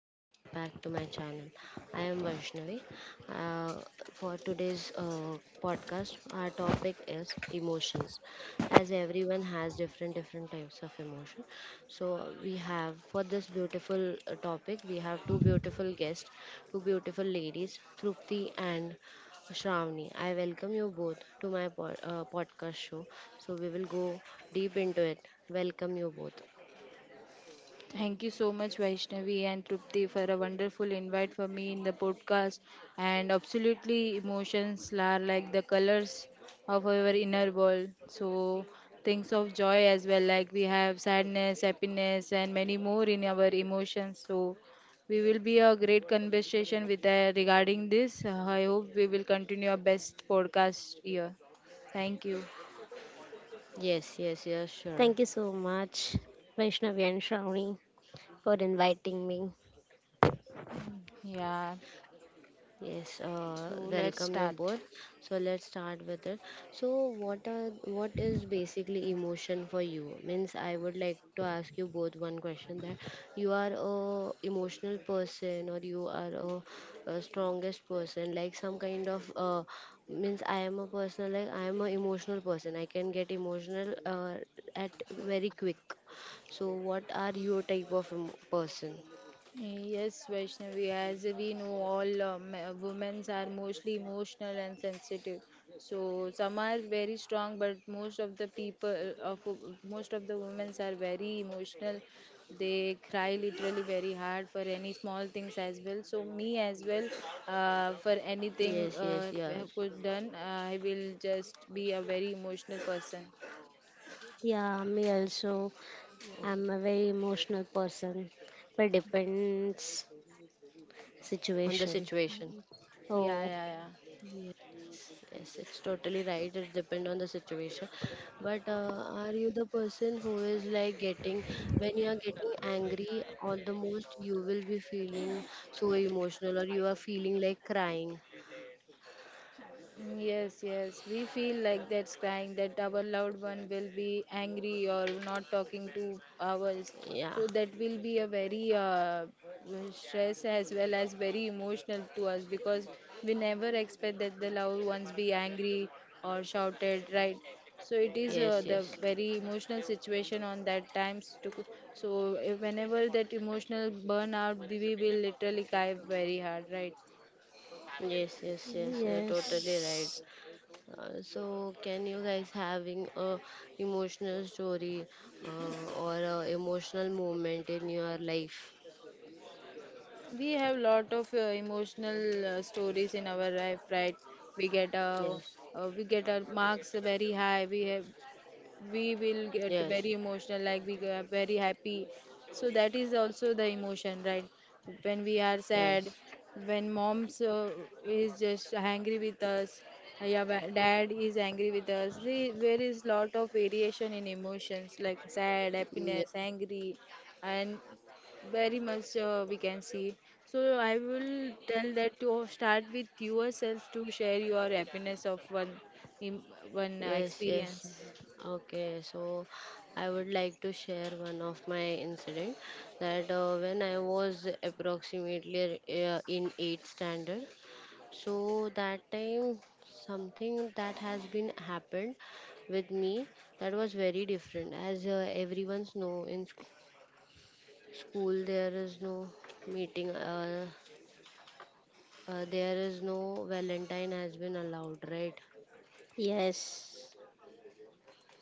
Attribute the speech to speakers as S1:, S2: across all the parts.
S1: welcome back to my channel. I am Vaishnavi. Uh, for today's podcast, our topic is emotions. As everyone has different types of emotion, so we have for this beautiful topic, we have two beautiful guests, two beautiful ladies, Trupti and Shravani. I welcome you both to my podcast show. So we will go deep into it. Welcome you both.
S2: Thank you so much, Vaishnavi and Trupti, for a wonderful invite for me in the podcast. And absolutely, emotions are like the colors of our inner world. So, things of joy as well, like we have sadness, happiness, and many more in our emotions. So, we will be a great conversation with regarding this. I hope we will continue our best podcast here. Thank you.
S1: Yes, yes, yes, sure.
S3: Thank you so much, Vaishnavi and Shravani, for inviting me.
S2: Mm, yeah.
S1: Yes,
S2: So, let's
S1: welcome you
S2: start.
S1: both. So let's start with it. So what is basically emotion for you? Means I would like to ask you both one question that you are a emotional person or you are a strongest person, like some kind of means I am a person like I am a emotional person. I can get emotional at very quick. So what are your type of person?
S2: Yes, Vaishnavi, as we know, all women are mostly emotional and sensitive. So some are very strong, but most of the people, of most of the women are very emotional. They cry literally very hard for any small things as well. So me as well,
S1: Yes, yes,
S2: for
S1: yes.
S2: anything could done, I will just be a very emotional person.
S3: Yeah, me also.
S1: Okay.
S3: I'm a very emotional person, but depends
S1: On the
S3: situation.
S1: situation.
S2: Yeah,
S3: Oh,
S2: yeah,
S1: Yes,
S2: yeah.
S1: yes, it's totally right. It depends on the situation. But are you the person who is like getting, when you are getting angry, all the most you will be feeling so emotional or you are feeling like crying?
S2: Yes, yes. We feel like that's crying, that our loved one will be angry or not talking to ours.
S1: Yeah,
S2: So that will be a very stress as well as very emotional to us because we never expect that the loved ones be angry or shouted, right? So it is
S1: yes,
S2: the
S1: yes.
S2: very emotional situation on that times. To, so whenever that emotional burnout, we will literally cry very hard, right?
S1: Yes, yes, yes, you're totally right.
S3: yes,
S1: So, can you guys having a emotional story or a emotional moment in your life?
S2: We have lot of emotional stories in our life, right? We get
S1: Yes,
S2: we get our marks very high, we have we will get
S1: yes,
S2: very emotional, like we are very happy. So that is also the emotion, right? When we are sad,
S1: yes.
S2: when mom's is just angry with us, yeah, dad is angry with us. There is lot of variation in emotions like sad,
S1: Mm,
S2: happiness, angry, and very much we can see. So I will tell that to start with yourself to share your happiness of im- one
S1: yes, yes.
S2: experience.
S1: Okay, so I would like to share one of my incident that when I was approximately in 8th standard. So that time something that has been happened with me that was very different. As everyone's know in school, there is no meeting there is no valentine has been allowed, right?
S3: yes,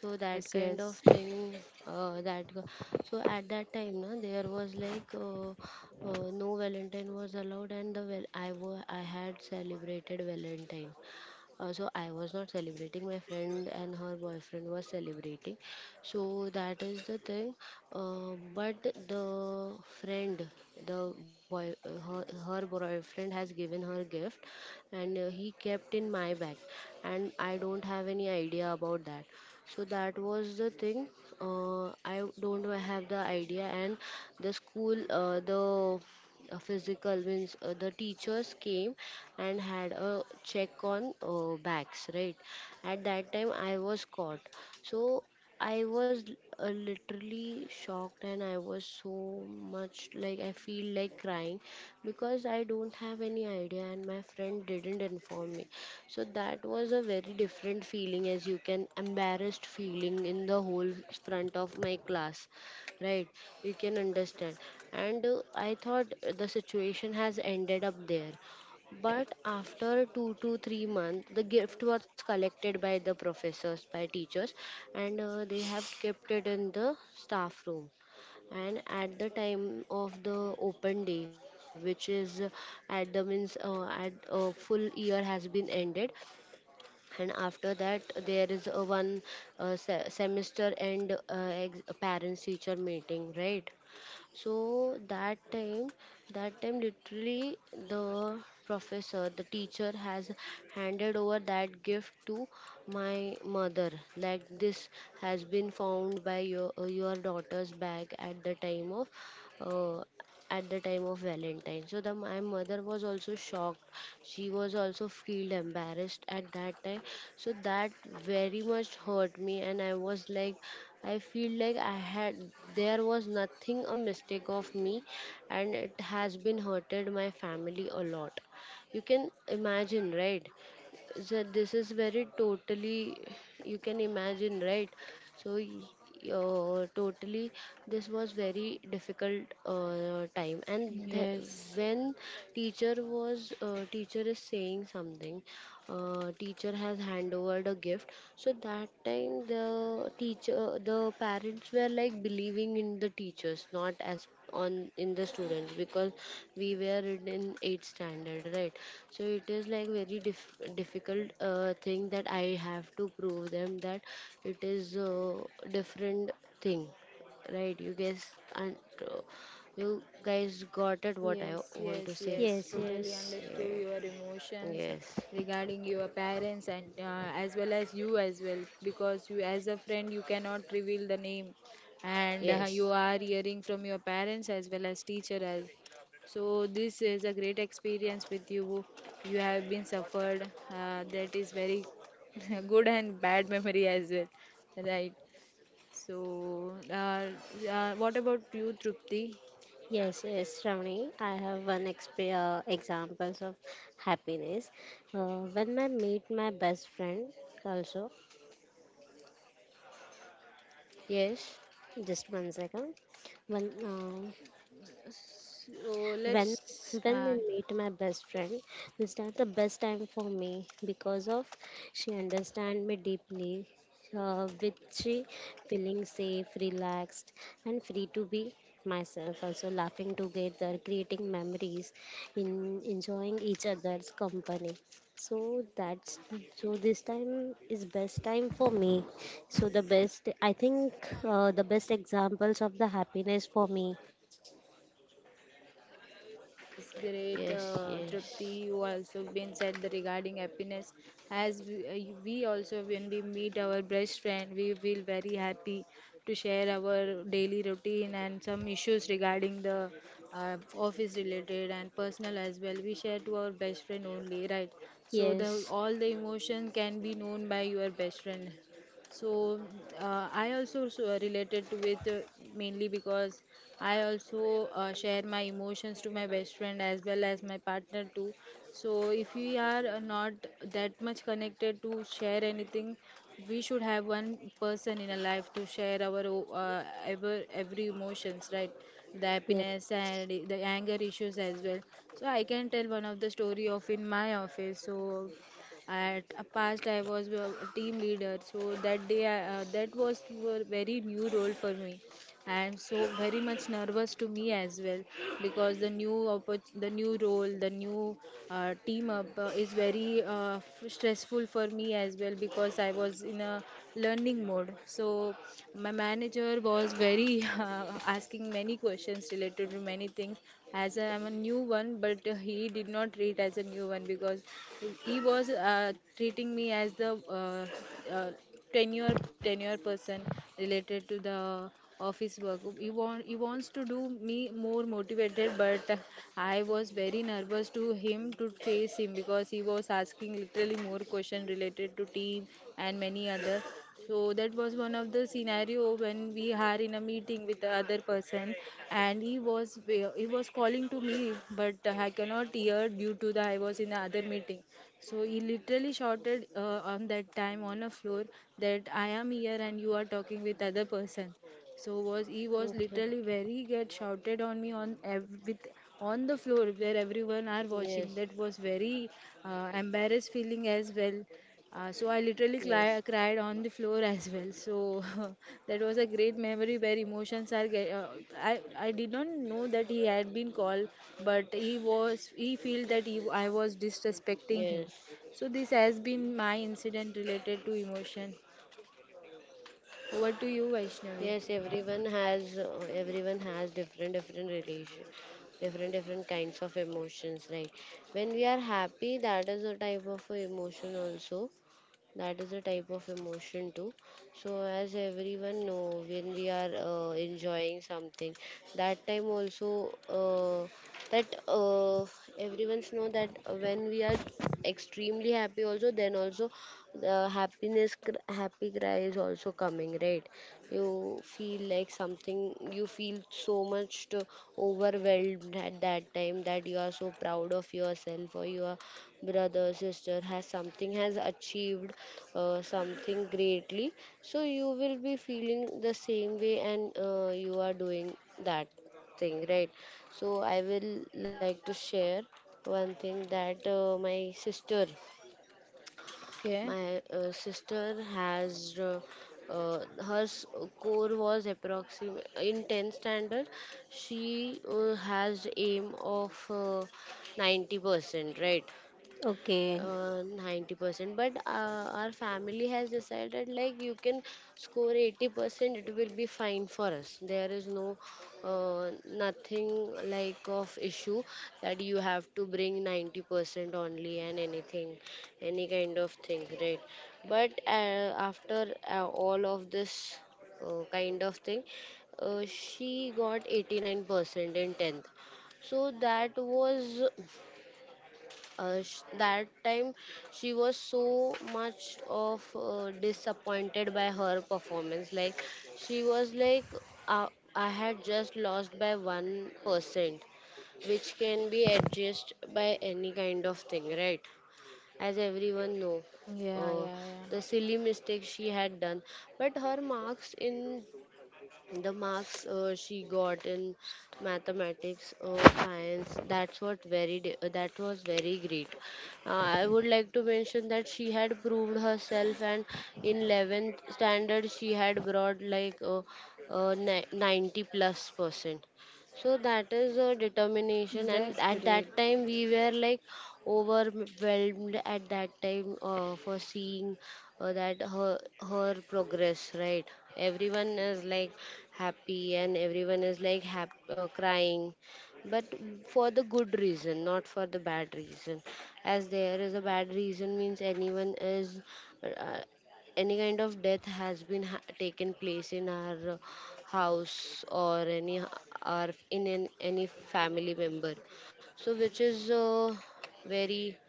S1: So that
S2: Yes,
S1: kind of
S2: yes,
S1: thing, uh, that go- so at that time na, there was like no valentine was allowed, and the well I had celebrated valentine. So I was not celebrating. My friend and her boyfriend was celebrating. So that is the thing. But the friend, the boy, her boyfriend has given her gift, and he kept in my bag, and I don't have any idea about that. So that was the thing. I don't have the idea, and the school, the physical means the teachers came and had a check on backs, right? At that time I was caught. So I was literally shocked, and I was so much like I feel like crying because I don't have any idea and my friend didn't inform me. So that was a very different feeling, as you can embarrassed feeling in the whole front of my class, right? You can understand. And I thought the situation has ended up there, but after 2 to 3 months the gift was collected by the professors by teachers, and they have kept it in the staff room. And at the time of the open day, which is at the means at full year has been ended, and after that there is a one semester end parents teacher meeting, right? So that time, that time literally, the professor, the teacher has handed over that gift to my mother, like this has been found by your daughter's bag at the time of uh, at the time of Valentine. So the my mother was also shocked. She was also feel embarrassed at that time. So that very much hurt me, and I was like I feel like I had there was nothing a mistake of me, and it has been hurted my family a lot. You can imagine, right? So this is very totally, you can imagine, right? So y- Totally this was very difficult time
S2: yes,
S1: when teacher was teacher is saying something, teacher has hand over the gift. So that time the teacher, the parents were like believing in the teachers, not as on in the students, because we were in eighth standard, right? So it is like very difficult thing, that I have to prove them that it is a different thing, right? You guys, and uh, you guys got it what I
S2: yes,
S1: want to
S2: yes,
S1: say.
S2: yes.
S3: yes,
S2: Totally
S3: yes,
S2: understood
S1: Yeah.
S2: your emotions
S1: Yes,
S2: regarding your parents and as well as you as well, because you as a friend you cannot reveal the name, and you
S1: yes.
S2: are hearing from your parents as well as teacher as. So this is a great experience with you. You have been suffered. That is very good and bad memory as well, right? So, what about you, Trupti?
S3: yes, Shravani. I have one examples of happiness. When I meet my best friend, also,
S1: Yes,
S3: just one second. One,
S2: So let's,
S3: When when we
S2: uh,
S3: meet my best friend, this time the best time for me because of she understand me deeply, with she feeling safe, relaxed, and free to be myself. Also laughing together, creating memories, in enjoying each other's company. So that's so this time is best time for me. So the best I think the best examples of the happiness for me.
S2: yes, great,
S1: yes, yes.
S2: Trupti. You also been said the regarding happiness. As we, you- we also, when we meet our best friend, we feel very happy to share our daily routine and some issues regarding the office related and personal as well. We share to our best friend only, right? So the
S3: Yes.
S2: all the emotion can be known by your best friend. So I also so related to with mainly because I also share my emotions to my best friend as well as my partner too. So if we are not that much connected to share anything, we should have one person in our life to share our every emotions, right? The
S3: Yes.
S2: happiness and the anger issues as well. So I can tell one of the story of in my office. So at a past, I was a team leader, so that day, that was a very new role for me. I'm so very much nervous to me as well because the new role, the new team up is very stressful for me as well because I was in a learning mode. So my manager was very asking many questions related to many things as I'm a new one, but he did not treat as a new one because he was treating me as the uh, uh, tenure person related to the office work. He wants to do me more motivated, but I was very nervous to him to face him because he was asking literally more question related to team and many other. So that was one of the scenario when we are in a meeting with the other person, and he was calling to me, but I cannot hear due to the I was in the other meeting. So he literally shouted on that time on a floor that I am here and you are talking with other person. So was he was
S1: Okay.
S2: literally very get shouted on me on with on the floor where everyone are watching.
S1: Yes,
S2: That was very embarrassed feeling as well. So I literally
S1: yes,
S2: cried on the floor as well. So that was a great memory where emotions are. Get, I did not know that he had been called, but he feel that he, I was
S1: yes,
S2: disrespecting him. So this has been my incident related to emotion. Over to you,
S1: yes.
S2: Vaishnavi.
S1: Everyone has different relation, different kinds of emotions, right? When we are happy, that is a type of a emotion also. That is a type of emotion too. So as everyone know, when we are enjoying something, that time also, that everyone's know that when we are extremely happy also, then also the happy cry is also coming, right? You feel like something, you feel so much to overwhelmed at that time, that you are so proud of yourself, or your brother, sister has something has achieved something greatly. So you will be feeling the same way, and you are doing that thing, right? So I will like to share one thing that my sister,
S2: Okay.
S1: my sister has her score was approximate in 10th standard. She has aim of 90%, right?
S3: Okay.
S1: 90%, but our family has decided like you can score 80%, it will be fine for us. There is no nothing like of issue that you have to bring 90% only and anything, any kind of thing, right? But after all of this kind of thing, she got 89% in 10th. So that was that time she was so much of disappointed by her performance, like she was like uh, I had just lost by 1%, which can be adjusted by any kind of thing, right? As everyone know,
S2: Yeah,
S1: uh,
S2: yeah, yeah.
S1: the silly mistake she had done. But her marks in the marks she got in mathematics or science, that's what very that was very great. uh, I would like to mention that she had proved herself, and in 11th standard she had brought like 90 plus percent. So that is a determination, and
S2: That's
S1: at that
S2: great.
S1: time we were like overwhelmed at that time for seeing that her her progress, right? Everyone is like happy, and everyone is like crying, but for the good reason, not for the bad reason. As there is a bad reason means anyone is uh, any kind of death has been taken place in our house or any, or in an, any family member. So which is very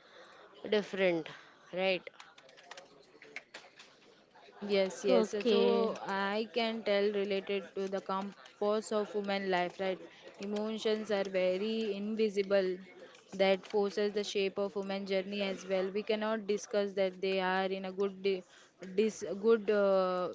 S1: different, right?
S2: Yes, yes.
S3: Okay.
S2: So I can tell related to the compass of human life, right? Emotions are very invisible that forces the shape of human journey as well. We cannot discuss that they are in a good di- dis good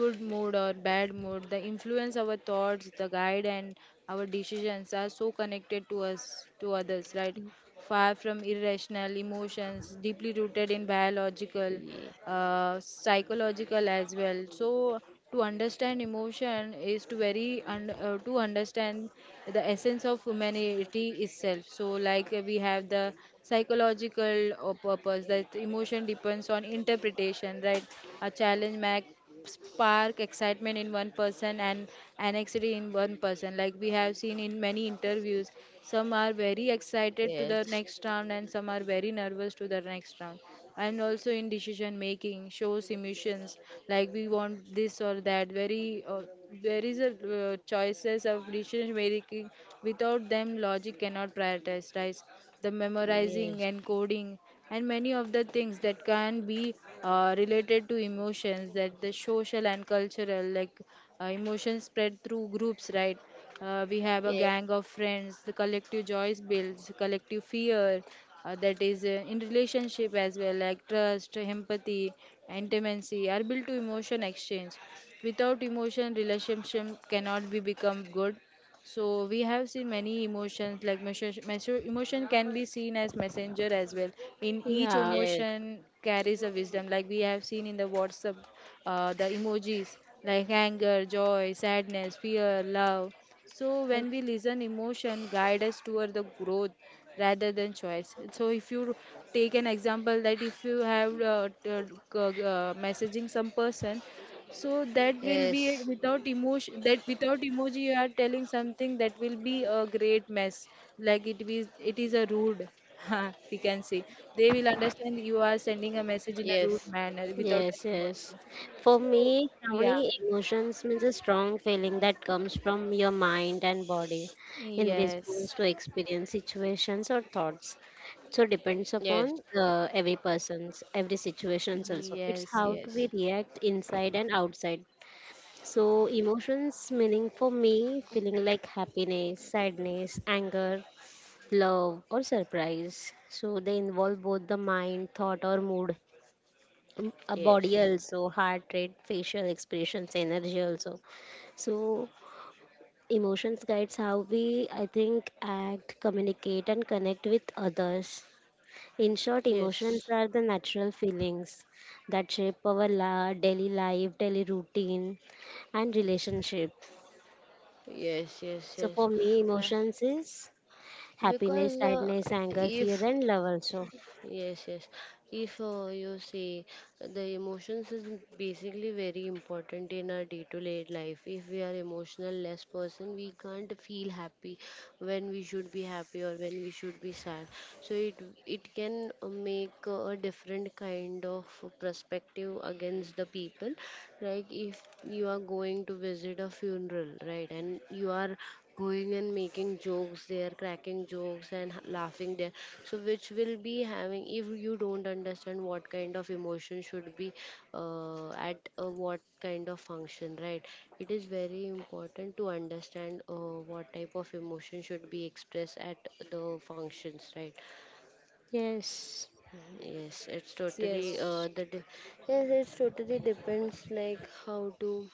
S2: good mood or bad mood. The influence our thoughts, the guide and our decisions are so connected to us to others, right? Far from irrational emotions, deeply rooted in biological,
S1: Ye-
S2: psychological as well. So to understand emotion is to to understand the essence of humanity itself. So like we have the psychological purpose that emotion depends on interpretation, right? A challenge mac spark excitement in one person and anxiety in one person, like we have seen in many interviews. Some are very excited to
S1: yes,
S2: the next round and some are very nervous to the next round. And also in decision making shows emotions, like we want this or that very there is a choices of decision making. Without them logic cannot prioritize, right? The memorizing
S1: yes,
S2: and coding and many of the things that can be related to emotions, that the social and cultural, like emotions spread through groups, right? We have a
S1: yes,
S2: gang of friends, the collective joys builds collective fear. That is in relationship as well, like trust, empathy, intimacy are built to emotion exchange. Without emotion relationship cannot be become good. So we have seen many emotions like emotion can be seen as messenger as well. In each
S3: Yeah.
S1: yes.
S2: emotion carries a wisdom, like we have seen in the whatsapp, the emojis, like anger, joy, sadness, fear, love. So when we
S3: Like.
S2: listen emotion guide us toward the growth rather than choice. So if you take an example, that if you have messaging some person, so that will be a-
S1: Yes,
S2: without emotion. That without emoji, you are telling something that will be a great mess. Like it is a rude. We can say they will understand you are sending a message in a rude manner without
S3: Yes,
S2: an
S3: yes.
S2: emoji.
S3: For
S2: So
S3: me,
S2: yeah,
S3: Shravani, emotions means a strong feeling that comes from your mind and body in
S2: yes,
S3: response to experience, situations, or thoughts.
S1: yes,
S3: So
S1: yes,
S3: depends
S1: yes, yes,
S3: upon every person's, every situations also. It's
S2: yes,
S3: how do
S2: yes,
S3: we react inside and outside. So emotions meaning for me, feeling like happiness, sadness, anger, love, or surprise. So they involve both the mind, thought, or mood, a body also, heart rate, facial expressions, energy also. So emotions guides how we, I think, act, communicate, and connect with others. In short, emotions are the natural feelings that shape our daily life, daily routine, and relationship.
S1: yes, yes,
S3: So
S1: yes.
S3: for me,
S1: Uh,
S3: emotions is
S1: because
S3: happiness,
S1: uh,
S3: sadness, anger,
S1: if
S3: fear, and love also.
S1: yes, yes. If you see, the emotions is basically very important in our day-to-day life. If we are emotional less person, we can't feel happy when we should be happy, or when we should be sad. So it can make a different kind of perspective against the people. Like if you are going to visit a funeral, right, and you are going and making jokes there, cracking jokes and laughing there. So which will be having if you don't understand what kind of emotion should be at what kind of function, right? It is very important to understand what type of emotion should be expressed at the functions, right?
S3: Yes.
S1: Yes, it's
S2: yes,
S1: totally
S2: yes.
S1: yes, it's totally depends like how to,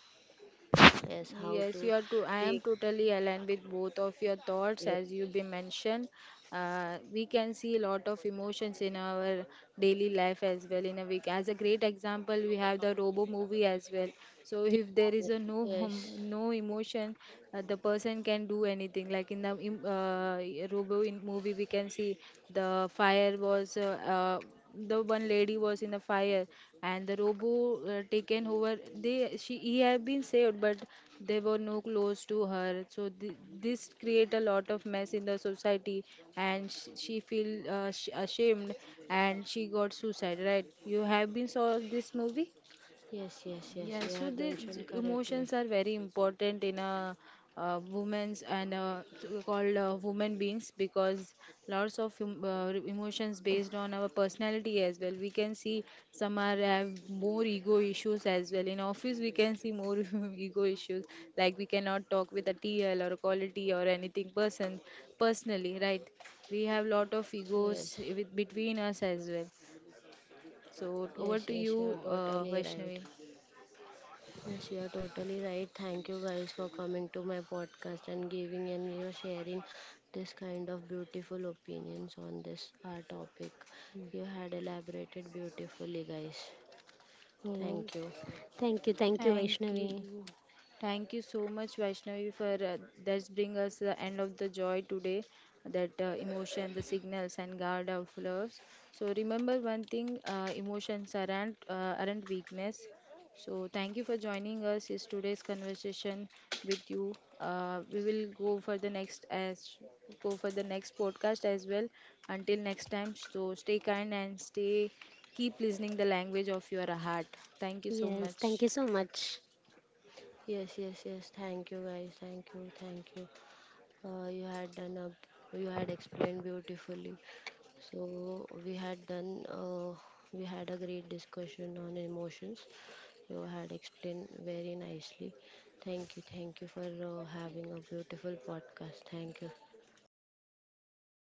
S1: yes, how to
S2: Yes, you are to. I am
S1: take,
S2: totally aligned with both of your thoughts
S1: yes.
S2: as you be mentioned. We can see a lot of emotions in our daily life as well in a week. As a great example, we have the Robo movie as well. So
S3: Yeah.
S2: if there is a no
S1: Yes.
S2: no emotion, the person can do anything. Like in Robo in movie, we can see the fire was the one lady was in the fire, and the robo taken over, they she he have been saved, but there were no clothes to her, so this create a lot of mess in the society, and she feel ashamed and she got suicide, right? You have been saw this movie.
S1: Yes, yes,
S2: Yeah,
S1: yes. You
S2: so
S1: had
S2: the
S1: mentioned
S2: emotions
S1: correctly.
S2: are very important in a women's and so called women beings because lots of emotions based on our personality as well. We can see some are have more ego issues as well. In office, we can see more ego issues, like we cannot talk with a TL or a quality or anything person personally, right? We have lot of
S1: Yes,
S2: egos with, between us as well. So over
S1: yes,
S2: to
S1: yes. You are
S2: you,
S1: totally right.
S2: Vaishnavi.
S1: Yes, you are totally right. Thank you guys for coming to my podcast and giving and you sharing this kind of beautiful opinions on this our topic. You had elaborated beautifully, guys.
S3: Oh,
S1: Thank you.
S3: thank you,
S2: Thank
S3: Vaishnavi.
S2: you. Thank you so much, Vaishnavi, for that's bring us the end of the joy today, that emotion, the signals and guard of loves. So remember one thing, emotions aren't weakness. So thank you for joining us is today's conversation with you. We will go for the next as go for the next podcast as well. Until next time, so stay kind and stay keep listening the language of your heart. Thank you so
S3: Yes, thank
S2: much.
S3: you so much.
S1: Yes, yes, yes. Thank you, guys. Thank you, thank you. You had done a, you had explained beautifully. So we had done, we had a great discussion on emotions. You had explained very nicely. Thank you for having a beautiful podcast. Thank you.
S3: Oh, thank.